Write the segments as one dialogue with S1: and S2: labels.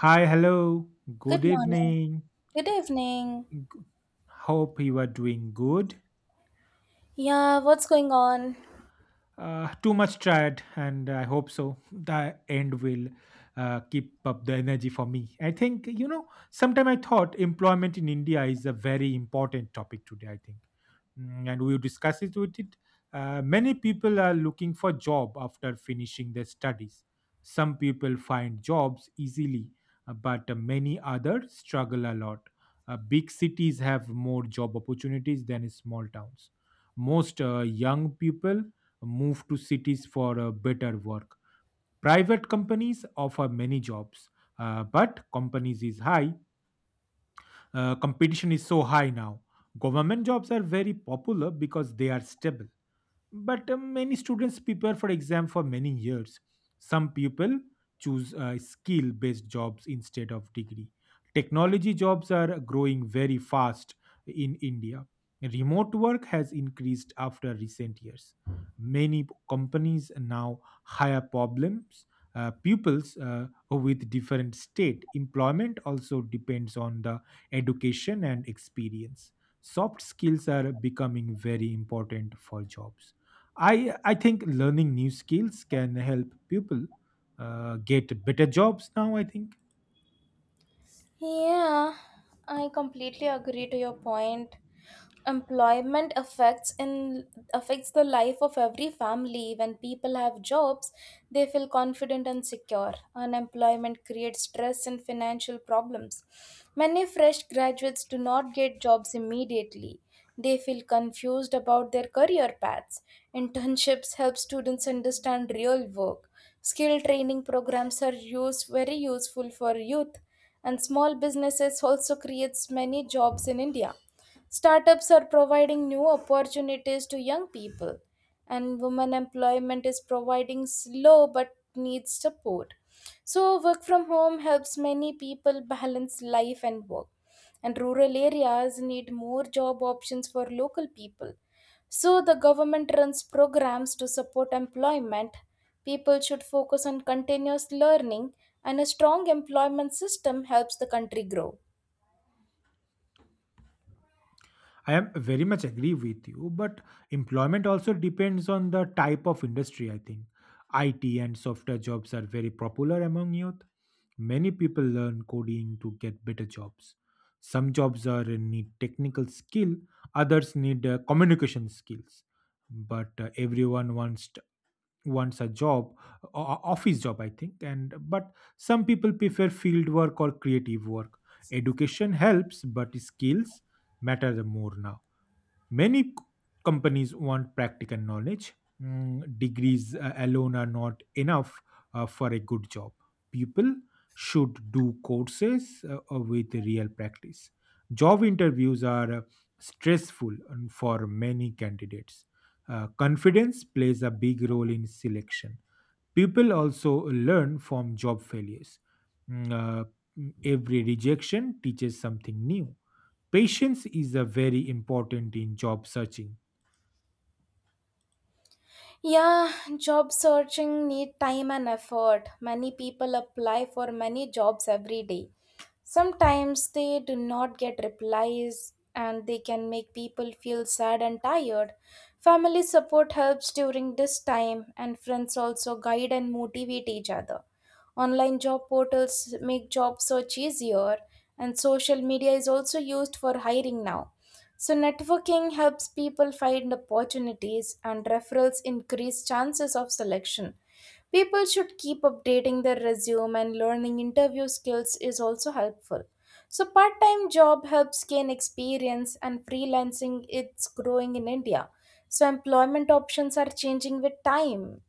S1: Hi, hello,
S2: Good
S1: good
S2: morning.
S1: evening.
S2: Good evening.
S1: Hope you are doing good.
S2: Yeah, what's going on?
S1: Too much tired, and I hope so. The end will keep up the energy for me. I think, you know, sometime I thought employment in India is a very important topic today, I think. And we discuss it with it. Many people are looking for job after finishing their studies. Some people find jobs easily, but many others struggle a lot. Big cities have more job opportunities than small towns. Most young people move to cities for better work. Private companies offer many jobs, but companies is high competition is so high now. Government jobs are very popular because they are stable. But many students prepare for exam for many years. Some people choose skill-based jobs instead of degree. Technology jobs are growing very fast in India. Remote work has increased after recent years. Companies now hire problems pupils with different state employment also depends on the education and experience. Soft skills are becoming very important for jobs. I i think learning new skills can help people get better jobs now, I think.
S2: Yeah, I completely agree to your point. Employment affects in affects the life of every family. When people have jobs, they feel confident and secure. Unemployment creates stress and financial problems. Many fresh graduates do not get jobs immediately. They feel confused about their career paths. Internships help students understand real work. Skill training programs are used very useful for youth, and small businesses also creates many jobs in India. Startups are providing new opportunities to young people, and women employment is providing slow but needs support. So work from home helps many people balance life and work, and rural areas need more job options for local people, so the government runs programs to support employment. People should focus on continuous learning, and a strong employment system helps the country grow.
S1: I am very much agree with you, but employment also depends on the type of industry, I think. It and software jobs are very popular among youth. Many people learn coding to get better jobs. Some jobs are need technical skill, others need communication skills, but everyone wants wants a job, office job, I think. And but some people prefer field work or creative work. Education helps, but skills matter the more now. Many c- Companies want practical knowledge. Degrees alone are not enough for a good job. People should do courses with real practice. Job interviews are stressful for many candidates. Confidence plays a big role in selection. People also learn from job failures. Mm, uh, every rejection teaches something new. Patience is a very important in job searching.
S2: Yeah, job searching need time and effort. Many people apply for many jobs every day. Sometimes they do not get replies, and they can make people feel sad and tired. Family support helps during this time, and friends also guide and motivate each other. Online job portals make job search easier, and social media is also used for hiring now. So, networking helps people find opportunities, and referrals increase chances of selection. People should keep updating their resume, and learning interview skills is also helpful. So, part time job helps gain experience, and freelancing it's growing in India. So, employment options are changing with time.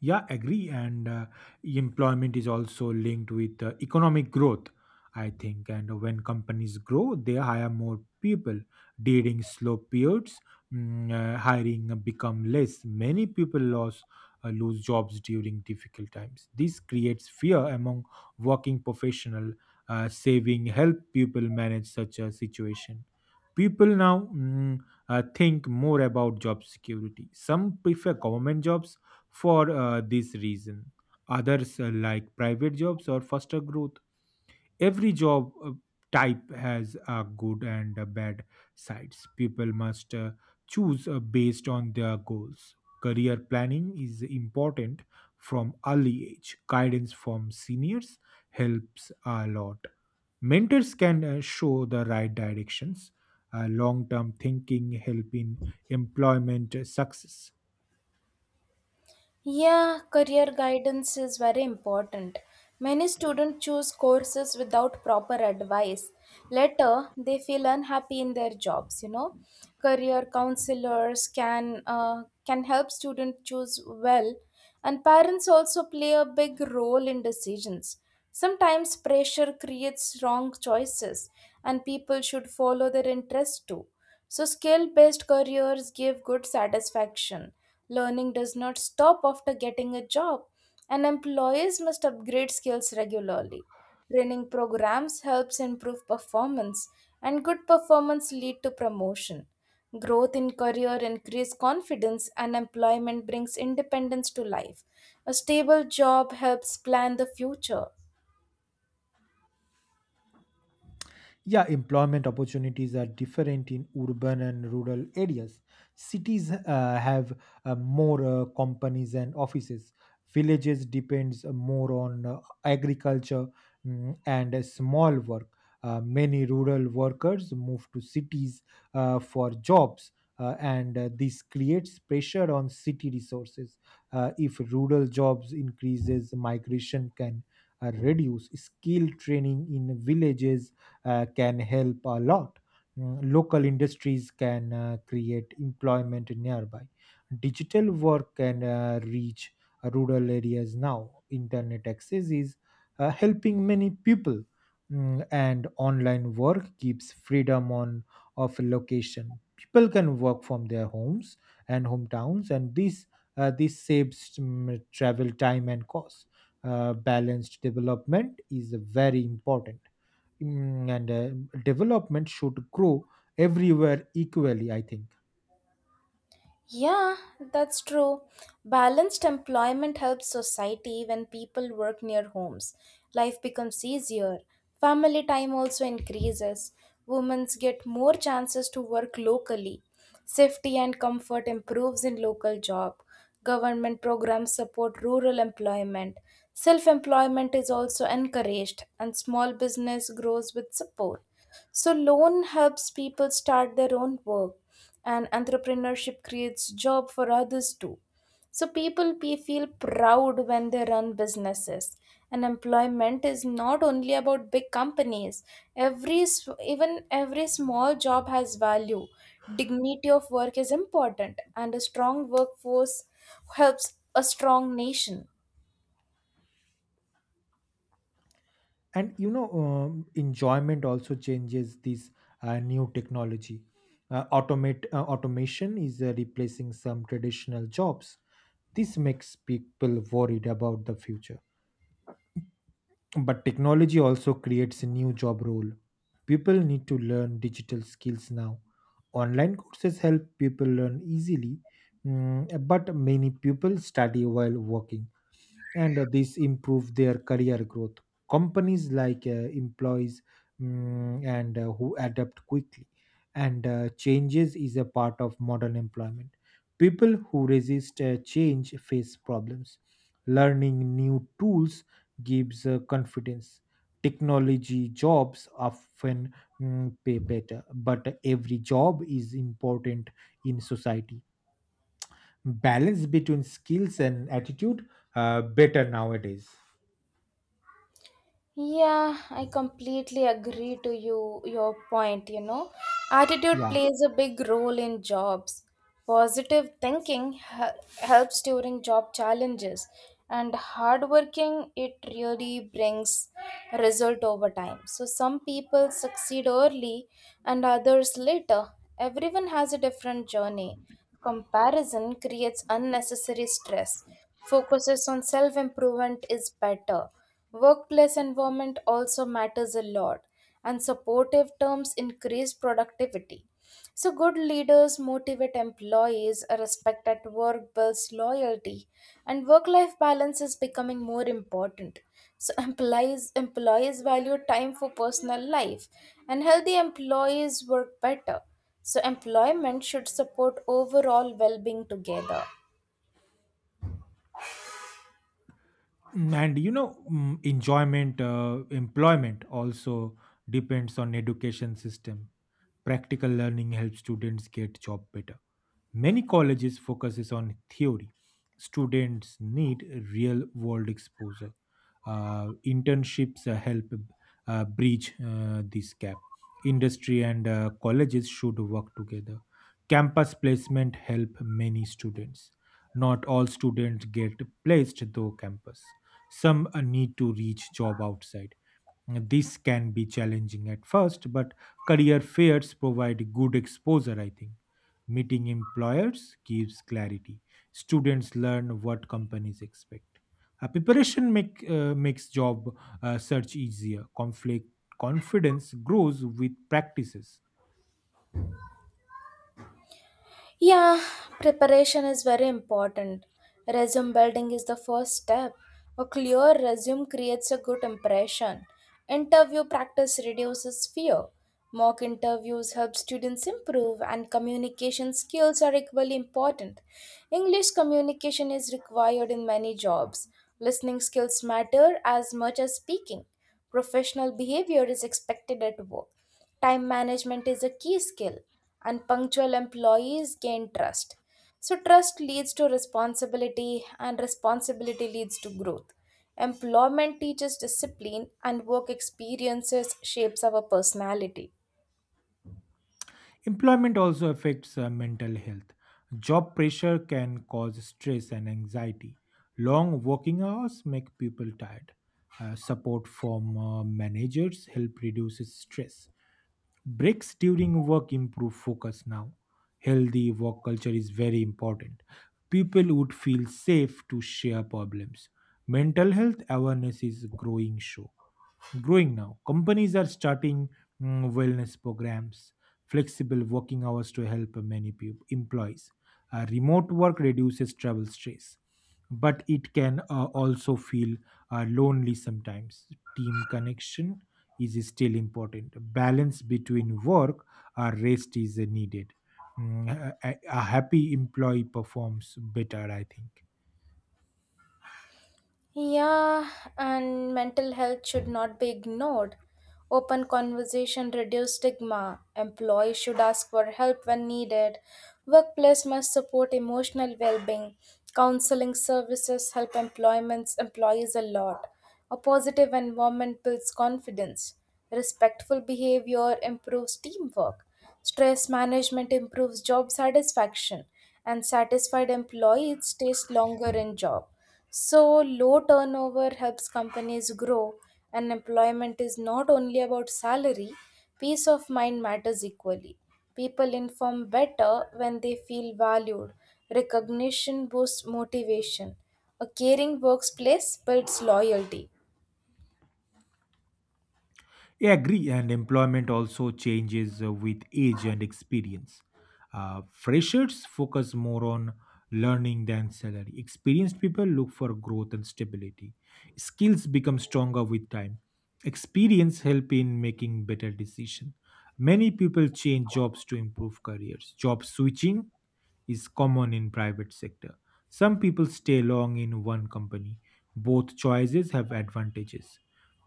S1: Yeah, agree. And employment is also linked with economic growth, I think. And when companies grow, they hire more people. During slow periods, hiring become less. Many people lose jobs during difficult times. This creates fear among working professional. Saving help people manage such a situation. People now think more about job security. Some prefer government jobs for this reason, others like private jobs or faster growth. Every job type has a good and a bad sides. People must choose based on their goals. Career planning is important from early age. Guidance from seniors helps a lot. Mentors can show the right directions. Long term thinking help in employment success.
S2: Yeah, career guidance is very important. Many students choose courses without proper advice. Later, they feel unhappy in their jobs, you know. Career counselors can help students choose well, and parents also play a big role in decisions. Sometimes pressure creates wrong choices, and people should follow their interest too. So skill-based careers give good satisfaction. Learning does not stop after getting a job, and employees must upgrade skills regularly. Training programs helps improve performance, and good performance lead to promotion. Growth in career increase confidence, and employment brings independence to life. A stable job helps plan the future.
S1: Yeah, employment opportunities are different in urban and rural areas. Cities have more companies and offices. Villages depends more on agriculture and small work. Many rural workers move to cities for jobs, and this creates pressure on city resources. If rural jobs increases, migration can reduce. Skill training in villages can help a lot. Local industries can create employment nearby. Digital work can reach rural areas now. Internet access is helping many people, and online work keeps freedom on of location. People can work from their homes and hometowns, and this saves travel time and cost. Balanced development is very important. And development should grow everywhere equally, I think.
S2: Yeah, that's true. Balanced employment helps society when people work near homes. Life becomes easier. Family time also increases. Women get more chances to work locally. Safety and comfort improves in local job. Government programs support rural employment. Self-employment is also encouraged, and small business grows with support. So, loan helps people start their own work, and entrepreneurship creates job for others too. So, people feel proud when they run businesses. And employment is not only about big companies. Even every small job has value. Dignity of work is important, and a strong workforce helps a strong nation.
S1: And you know, enjoyment also changes this new technology. Automate automation is replacing some traditional jobs. This makes people worried about the future, but technology also creates a new job role. People need to learn digital skills now. Online courses help people learn easily. But many people study while working, and this improve their career growth. Companies like employees mm, and who adapt quickly, and changes is a part of modern employment. People who resist change face problems. Learning new tools gives confidence. Technology jobs often pay better, but every job is important in society. Balance between skills and attitude better nowadays.
S2: Yeah, I completely agree to your point, you know. Attitude
S1: Yeah.
S2: plays a big role in jobs. Positive thinking helps during job challenges, and hard working it really brings result over time. So some people succeed early and others later. Everyone has a different journey. Comparison creates unnecessary stress. Focuses on self improvement is better. Workplace environment also matters a lot, and supportive terms increase productivity. So, good leaders motivate employees, respect at work builds loyalty, and work life balance is becoming more important. So, employees value time for personal life, and healthy employees work better. So, employment should support overall well being together.
S1: And you know, enjoyment employment also depends on education system. Practical learning helps students get job better. Many colleges focuses on theory. Students need real world exposure. Internships help bridge this gap. Industry and colleges should work together. Campus placement help many students. Not all students get placed though campus. Some need to reach job outside. This can be challenging at first, but career fairs provide good exposure, I think. Meeting employers gives clarity. Students learn what companies expect. Preparation makes job search easier. Conflict Confidence grows with practices.
S2: Yeah, preparation is very important. Resume building is the first step. A clear resume creates a good impression. Interview practice reduces fear. Mock interviews help students improve, and communication skills are equally important. English communication is required in many jobs. Listening skills matter as much as speaking. Professional behavior is expected at work. Time management is a key skill, and punctual employees gain trust. So, trust leads to responsibility, and responsibility leads to growth. Employment teaches discipline, and work experiences shapes our personality.
S1: Employment also affects mental health. Job pressure can cause stress and anxiety. Long working hours make people tired. Support from managers help reduce stress. Breaks during work improve focus now. Healthy work culture is very important. People would feel safe to share problems. Mental health awareness is growing now. Companies are starting wellness programs, flexible working hours to help many people, employees. Remote work reduces travel stress, but it can also feel lonely sometimes. Team connection is still important. Balance between work or rest is needed. A happy employee performs better, I think.
S2: Yeah, and mental health should not be ignored. Open conversation reduce stigma. Employees should ask for help when needed. Workplace must support emotional well-being. Counseling services help employments employees a lot. A positive environment builds confidence. Respectful behavior improves teamwork. Stress management improves job satisfaction, and satisfied employees stays longer in job. So, low turnover helps companies grow, and employment is not only about salary, peace of mind matters equally. People inform better when they feel valued. Recognition boosts motivation. A caring workplace builds loyalty.
S1: I agree, and employment also changes with age and experience. Freshers focus more on learning than salary. Experienced people look for growth and stability. Skills become stronger with time. Experience help in making better decision. Many people change jobs to improve careers. Job switching is common in private sector. Some people stay long in one company. Both choices have advantages.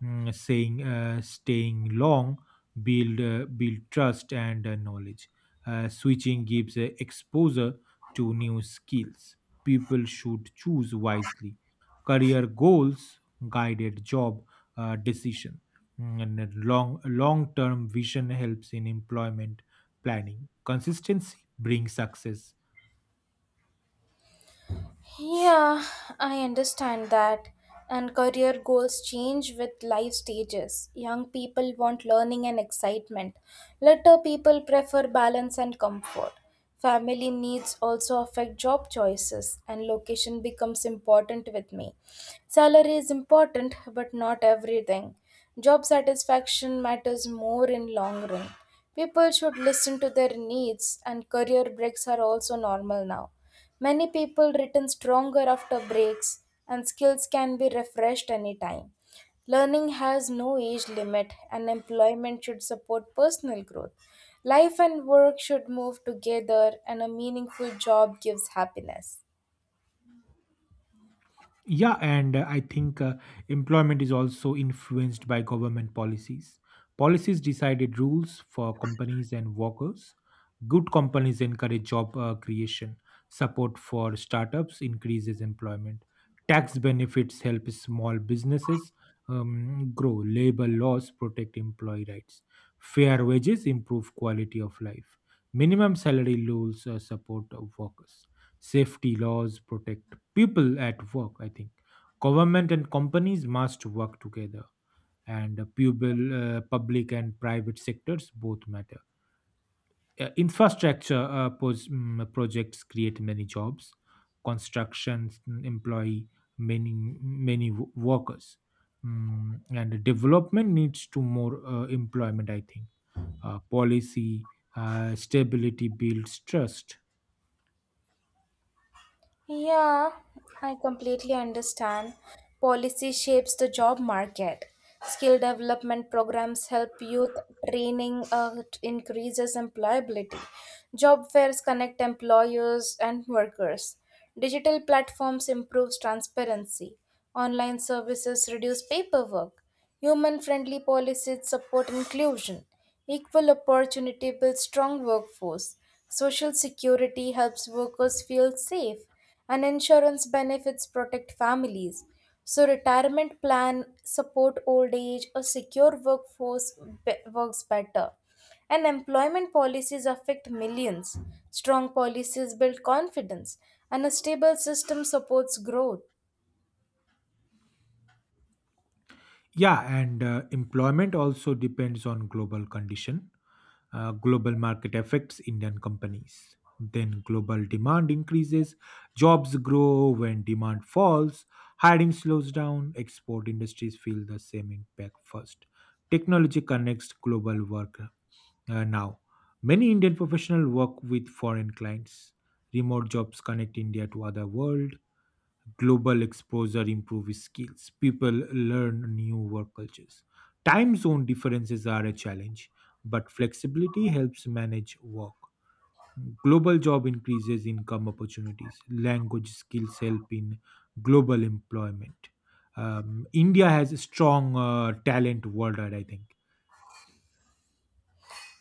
S1: Mm, saying staying long build trust and knowledge. Switching gives exposure to new skills. People should choose wisely. Career goals guided job decision. And then long term vision helps in employment planning. Consistency brings success.
S2: Yeah, I understand that. And career goals change with life stages. Young people want learning and excitement. Later people prefer balance and comfort. Family needs also affect job choices, and location becomes important with me. Salary is important, but not everything. Job satisfaction matters more in long run. People should listen to their needs, and career breaks are also normal now. Many people return stronger after breaks, and skills can be refreshed anytime. Learning has no age limit, and employment should support personal growth. Life and work should move together, and a meaningful job gives happiness.
S1: Yeah, and I think employment is also influenced by government policies. Policies decided rules for companies and workers. Good companies encourage job creation. Support for startups increases employment. Tax benefits help small businesses grow. Labor laws protect employee rights. Fair wages improve quality of life. Minimum salary rules support workers. Safety laws protect people at work, I think. Government and companies must work together, and public and private sectors both matter. Infrastructure projects create many jobs. Constructions employ many workers, and development needs to more employment, I think. Policy stability builds trust.
S2: Yeah, I completely understand. Policy shapes the job market. Skill development programs help youth, training increases employability. Job fairs connect employers and workers. Digital platforms improves transparency. Online services reduce paperwork. Human-friendly policies support inclusion. Equal opportunity builds strong workforce. Social security helps workers feel safe, and insurance benefits protect families. So retirement plan support old age, a secure workforce works better. And employment policies affect millions. Strong policies build confidence, and a stable system supports growth.
S1: Yeah, and employment also depends on global condition. Global market affects Indian companies. Then global demand increases, jobs grow. When demand falls, hiring slows down. Export industries feel the same impact first. Technology connects global work now. Many Indian professionals work with foreign clients. Remote jobs connect India to other world. Global exposure improves skills. People learn new work cultures. Time zone differences are a challenge, but flexibility helps manage work. Global job increases income opportunities. Language skills help in global employment. India has a strong talent worldwide, I think.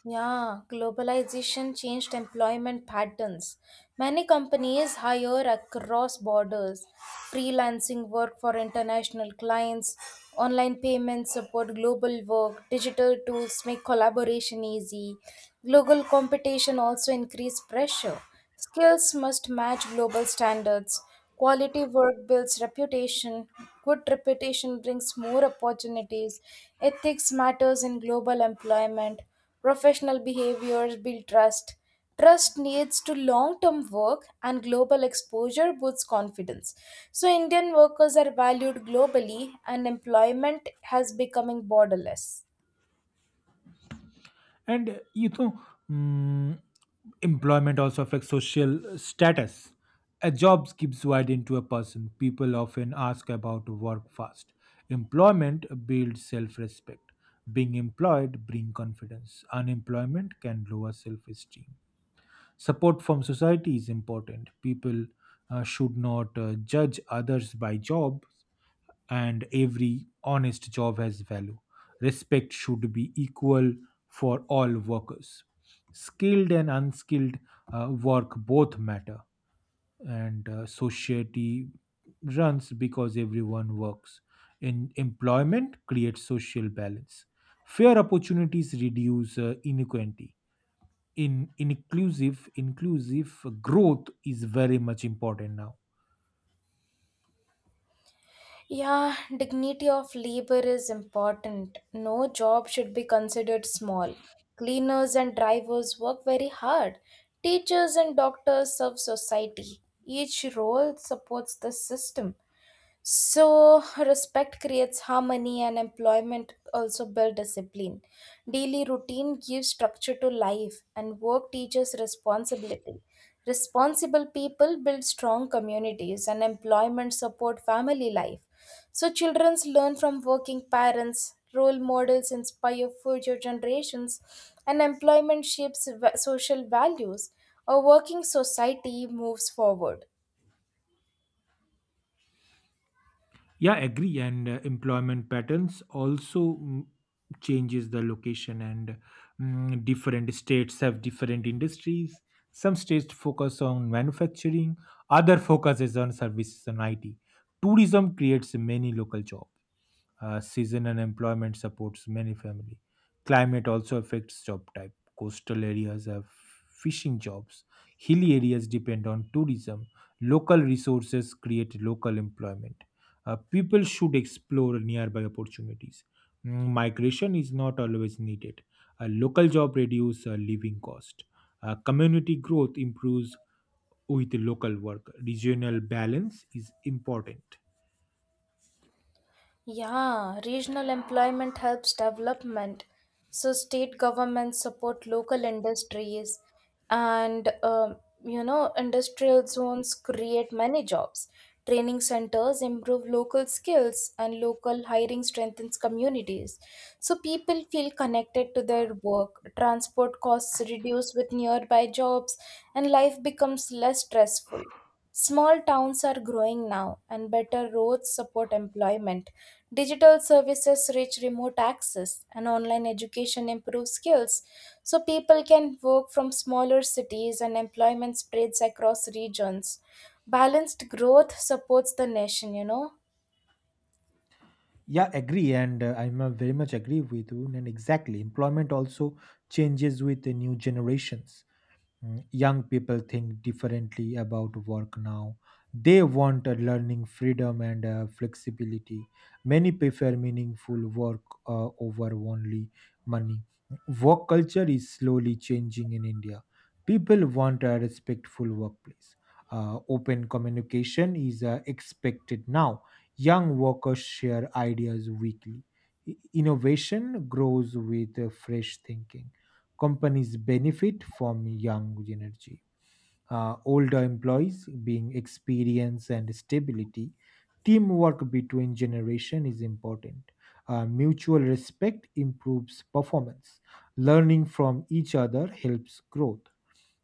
S2: Yeah, globalization changed employment patterns. Many companies hire across borders. Freelancing work for international clients, online payments support global work, digital tools make collaboration easy. Global competition also increased pressure. Skills must match global standards. Quality work builds reputation. Good reputation brings more opportunities. Ethics matters in global employment. Professional behaviors build trust. Trust leads to long term work, and global exposure boosts confidence. So, Indian workers are valued globally, and employment has becoming borderless.
S1: And uh, you know mm, employment also affects social status. A job gives widen to a person. People often ask about work fast. Employment builds self-respect. Being employed brings confidence. Unemployment can lower self-esteem. Support from society is important. People should not judge others by jobs, and every honest job has value. Respect should be equal for all workers. Skilled and unskilled work both matter, and society runs because everyone works. In employment creates social balance. Fair opportunities reduce inequality in inclusive growth is very much important now.
S2: Yeah, dignity of labor is important. No job should be considered small. Cleaners and drivers work very hard. Teachers and doctors serve society. Each role supports the system. So, respect creates harmony, and employment also build discipline. Daily routine gives structure to life, and work teaches responsibility. Responsible people build strong communities, and employment support family life. So, children learn from working parents, role models inspire future generations, and employment shapes social values. A working society moves forward.
S1: Yeah, agree. And employment patterns also changes the location and different states have different industries. Some states focus on manufacturing, other focuses on services and it. Tourism creates many local jobs. Season unemployment supports many family. Climate also affects job type. Coastal areas have fishing jobs. Hilly areas depend on tourism. Local resources create local employment. People should explore nearby opportunities. Migration is not always needed. A local job reduces living cost. Community growth improves with local work. Regional balance is important.
S2: Yeah, regional employment helps development. So state governments support local industries, and you know, industrial zones create many jobs. Training centers improve local skills, and local hiring strengthens communities. So people feel connected to their work. Transport costs reduce with nearby jobs, and life becomes less stressful. Small towns are growing now, and better roads support employment. Digital services reach remote access, and online education improves skills. So, people can work from smaller cities, and employment spreads across regions. Balanced growth supports the nation, you know.
S1: Yeah, agree, and I'm very much agree with you. And exactly, employment also changes with the new generations. Young people think differently about work now. They want a learning freedom and flexibility. Many prefer meaningful work over only money. Work culture is slowly changing in India. People want a respectful workplace. Open communication is expected now. Young workers share ideas weekly. Innovation grows with fresh thinking. Companies benefit from young energy, older employees being experience and stability. Teamwork between generation is important. Mutual respect improves performance. Learning from each other helps growth.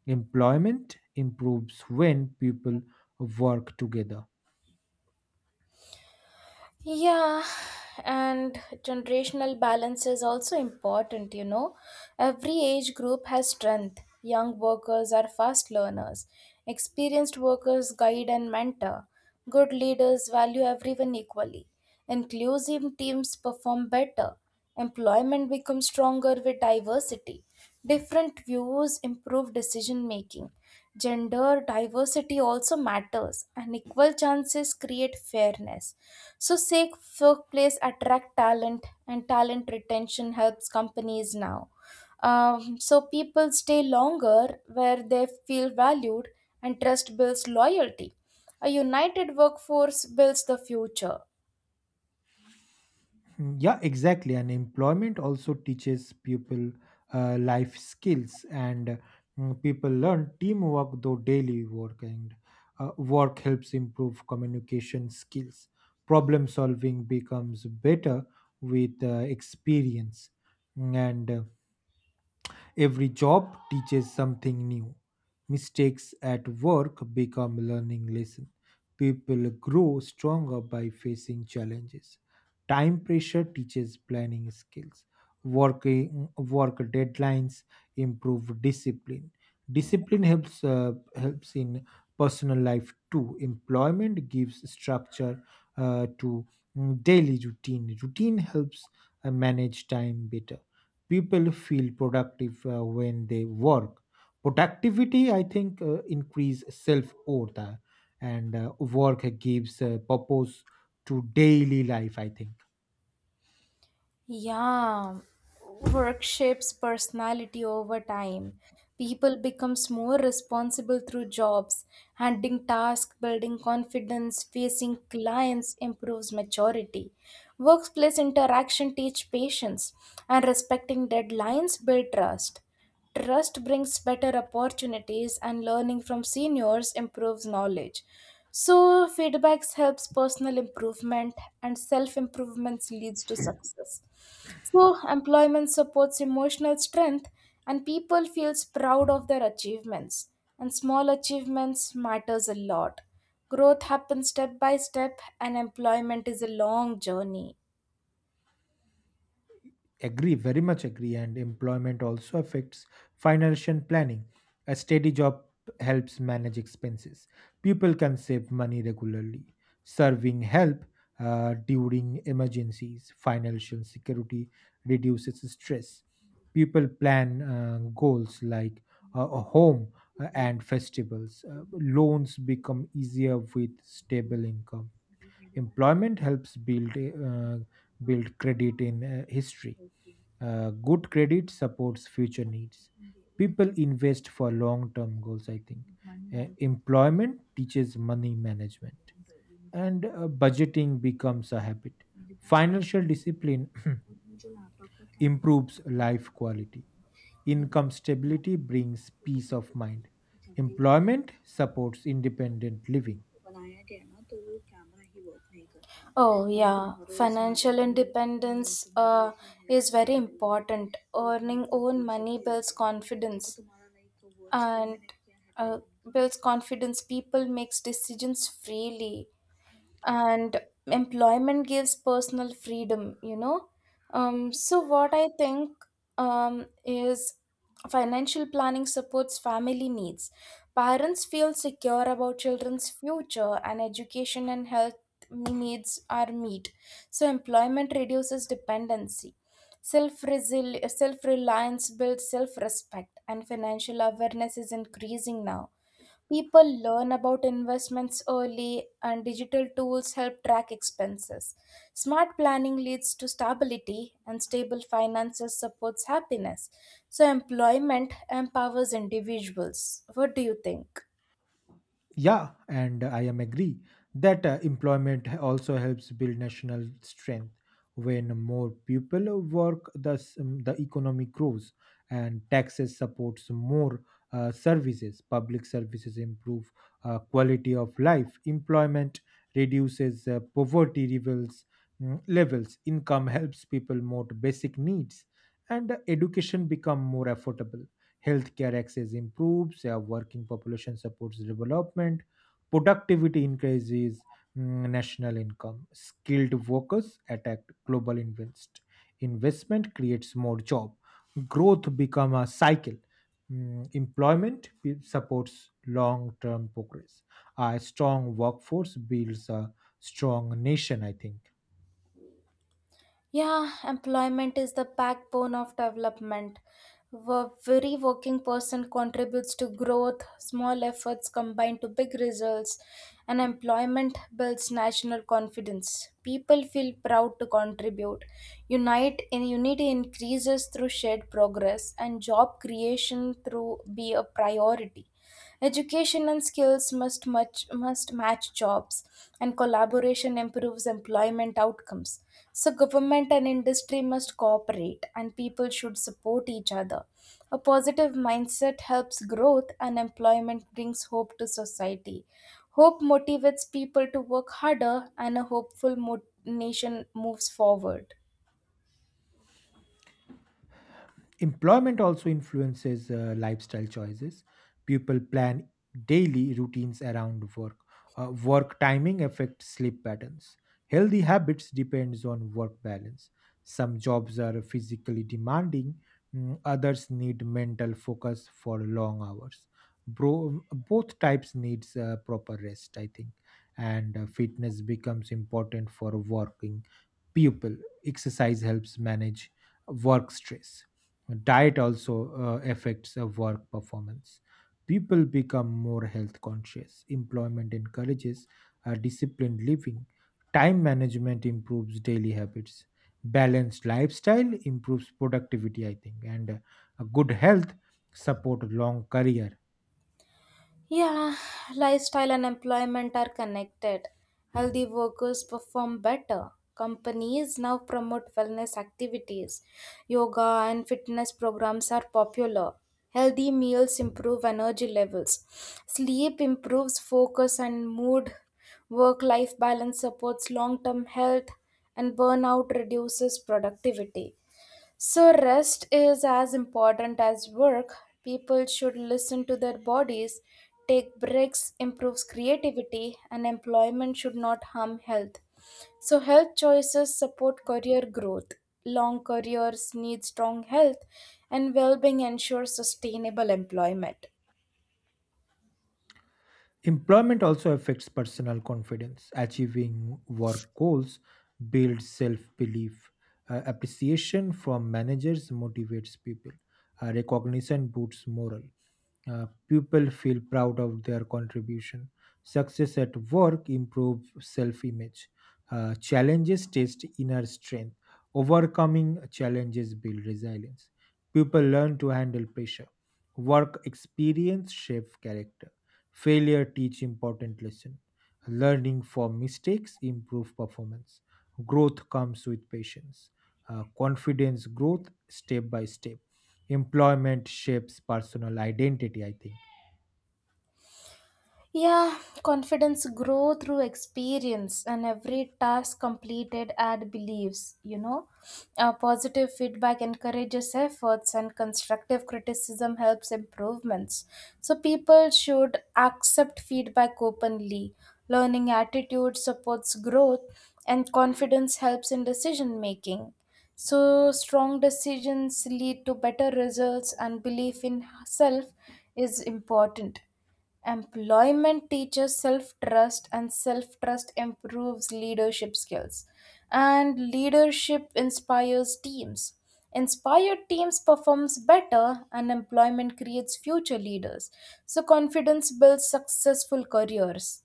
S1: Employment improves when people work together.
S2: Yeah, and generational balance is also important, you know. Every age group has strength. Young workers are fast learners. Experienced workers guide and mentor. Good leaders value everyone equally. Inclusive teams perform better. Employment becomes stronger with diversity. Different views improve decision making. Gender diversity also matters, and equal chances create fairness. So safe workplace attract talent, and talent retention helps companies now. So people stay longer where they feel valued, and trust builds loyalty. A united workforce builds the future.
S1: Hmm. Yeah, exactly. And employment also teaches people life skills, and people learn teamwork though daily work. And work helps improve communication skills. Problem solving becomes better with experience, and every job teaches something new. Mistakes at work become learning lesson. People grow stronger by facing challenges. Time pressure teaches planning skills. Working work deadlines improve discipline. Discipline helps in personal life too. Employment gives structure to daily routine. Routine helps manage time better, people feel productive when they work, productivity I think increase self worth and work gives purpose to daily life, I think.
S2: Yeah, work shapes personality over time. People becomes more responsible through jobs, handling tasks, building confidence, facing clients improves maturity. Workplace interaction teach patience, and respecting deadlines build trust. Trust brings better opportunities, and learning from seniors improves knowledge. So, feedbacks helps personal improvement, and self improvements leads to success. So, employment supports emotional strength, and people feels proud of their achievements. And small achievements matters a lot. Growth happens step by step, and employment is a long journey.
S1: Agree, very much agree. And employment also affects financial planning. A steady job helps manage expenses. People can save money regularly. Serving help during emergencies. Financial security reduces stress. People plan goals like a home and festivals. Loans become easier with stable income. Employment helps build credit in history. Good credit supports future needs. People invest for long term goals, I think. Employment teaches money management, and budgeting becomes a habit. Financial discipline improves life quality. Income stability brings peace of mind. Employment supports independent living.
S2: Oh, yeah. Financial independence is very important. Earning own money builds confidence, and uh, builds confidence. People makes decisions freely, and employment gives personal freedom, you know. So what I think, is financial planning supports family needs, parents feel secure about children's future, and education and health needs are met. So employment reduces dependency. Self self reliance builds self respect, and financial awareness is increasing now. People learn about investments early, and digital tools help track expenses. Smart planning leads to stability, and stable finances supports happiness. So, employment empowers individuals. What do you think?
S1: Yeah, and I am agree that employment also helps build national strength. When more people work, thus the economy grows, and taxes supports more services. Public services improve quality of life. Employment reduces poverty levels. Levels income helps people more to basic needs, and education become more affordable, healthcare access improves, a working population supports development, productivity increases, national income, skilled workers attract global invest. Investment creates more job. Growth become a cycle. Mm. Supports long-term progress. A strong workforce builds a strong nation, I think.
S2: Yeah, employment is the backbone of development. A very working person contributes to growth. Small efforts combine to big results, and employment builds national confidence. People feel proud to contribute. Unite in unity increases through shared progress, and job creation through be a priority. Education and skills must match jobs, and collaboration improves employment outcomes. So government and industry must cooperate, and people should support each other. A positive mindset helps growth, and employment brings hope to society. Hope motivates people to work harder, and a hopeful nation moves forward.
S1: Employment also influences lifestyle choices. People plan daily routines around work. Work timing affects sleep patterns. Healthy habits depends on work balance. Some jobs are physically demanding, others need mental focus for long hours. Bro, both types needs proper rest, I think, and fitness becomes important for working people. Exercise helps manage work stress. Diet also affects a work performance. People become more health conscious. Employment encourages a disciplined living. Time management improves daily habits. Balanced lifestyle improves productivity, I think, and good health support long career.
S2: Yeah, lifestyle and employment are connected. Healthy workers perform better. Companies now promote wellness activities. Yoga and fitness programs are popular. Healthy meals improve energy levels. Sleep improves focus and mood. Work life balance supports long term health, and burnout reduces productivity. So, rest is as important as work. People should listen to their bodies, take breaks, improves creativity, and employment should not harm health. So, health choices support career growth. Long careers need strong health, and well being ensures sustainable employment.
S1: Employment also affects personal confidence. Achieving work goals builds self belief. Appreciation from managers motivates people. Recognition boosts morale. uh, People feel proud of their contribution. Success at work improves self image. Challenges test inner strength. Overcoming challenges build resilience. People learn to handle pressure. Work experience shapes character. Failure teach important lesson. Learning from mistakes improve performance. Growth comes with patience. Confidence growth step by step, employment shapes personal identity, I think.
S2: Yeah, confidence grow through experience, and every task completed add beliefs, you know. Positive feedback encourages efforts, and constructive criticism helps improvements. So people should accept feedback openly. Learning attitude supports growth, and confidence helps in decision making. So strong decisions lead to better results, and belief in self is important. Employment teaches self trust, and self trust improves leadership skills. And leadership inspires teams. Inspired teams performs better, and employment creates future leaders. So confidence builds successful careers.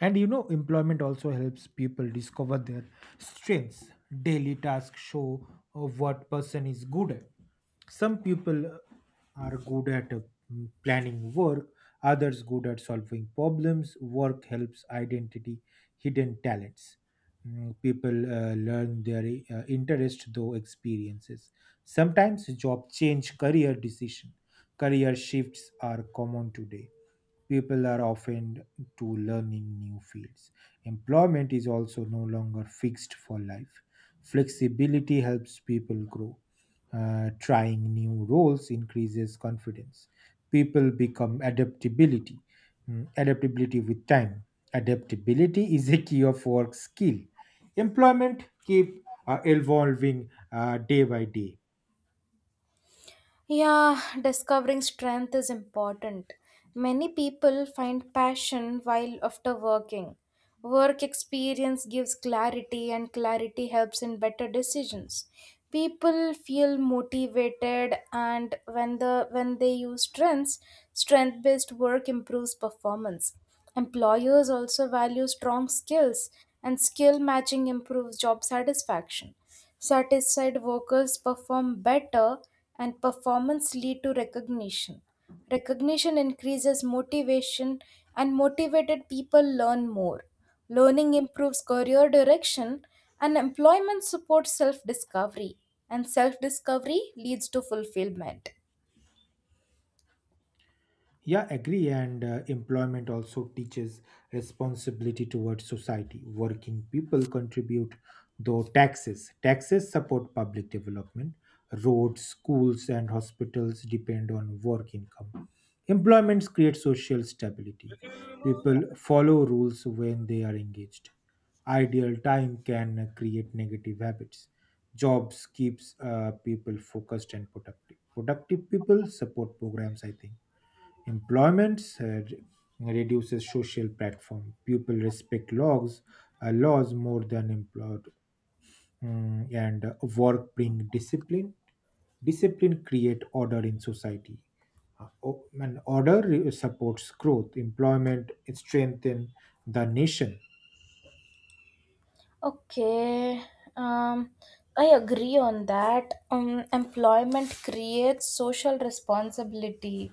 S1: And you know, employment also helps people discover their strengths. Daily tasks show what person is good at. Some people are good at planning work, others good at solving problems. Work helps identity hidden talents. People learn their interest though experiences. Sometimes job change career decision. Career shifts are common today. People are often to learning new fields. Employment is also no longer fixed for life. Flexibility helps people grow. Trying new roles increases confidence. People become adaptability, adaptability with time. Adaptability is a key of work skill. Employment keep evolving day by day.
S2: Yeah, discovering strength is important. Many people find passion while after working. Work experience gives clarity, and clarity helps in better decisions. People feel motivated, and when they use strengths, strength-based work improves performance. Employers also value strong skills, and skill matching improves job satisfaction. Satisfied workers perform better, and performance lead to recognition. Recognition increases motivation, and motivated people learn more. Learning improves career direction, and employment supports self-discovery, and self-discovery leads to fulfillment.
S1: Yeah, agree. And employment also teaches responsibility towards society. Working people contribute, though taxes. Taxes support public development. Roads, schools, and hospitals depend on work income. Employments create social stability. People follow rules when they are engaged. Ideal time can create negative habits. Jobs keeps people focused and productive. Productive people support programs, I think. Employment reduces social platform. People respect logs, laws more than employed, and work bring discipline. Discipline create order in society. And order supports growth. Employment strengthen the nation.
S2: Okay, um, I agree on that. Employment creates social responsibility.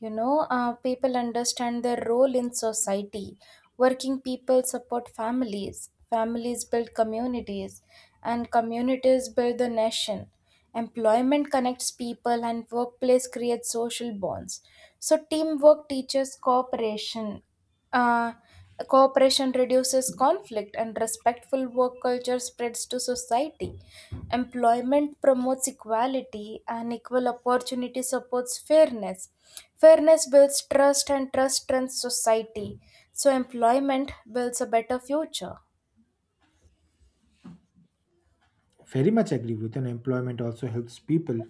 S2: You know, people understand their role in society. Working people support families. Families build communities, and communities build the nation. Employment connects people, and workplace creates social bonds. So, teamwork teaches cooperation. Uh, Cooperation reduces conflict, and respectful work culture spreads to society. Employment promotes equality, and equal opportunity supports fairness. Fairness builds trust, and trust strengthens society. So, employment builds a better future.
S1: Very much agree with an employment also helps people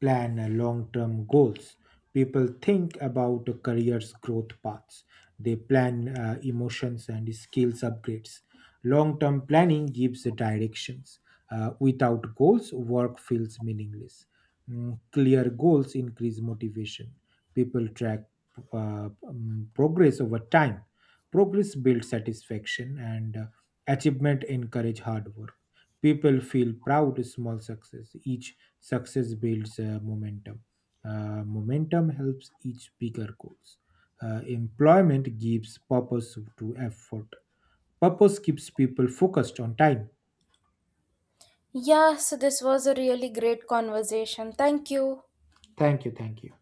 S1: plan long-term goals. People think about a career's growth paths. They plan emotions and skills upgrades. Long-term planning gives the directions. Without goals, work feels meaningless. Clear goals increase motivation. People track progress over time. Progress builds satisfaction, and achievement encourage hard work, people feel proud of small success, each success builds momentum. Momentum helps each bigger goals. Employment gives purpose to effort, purpose keeps people focused on time.
S2: Yeah, so this was a really great conversation. Thank you.
S1: Thank you, thank you.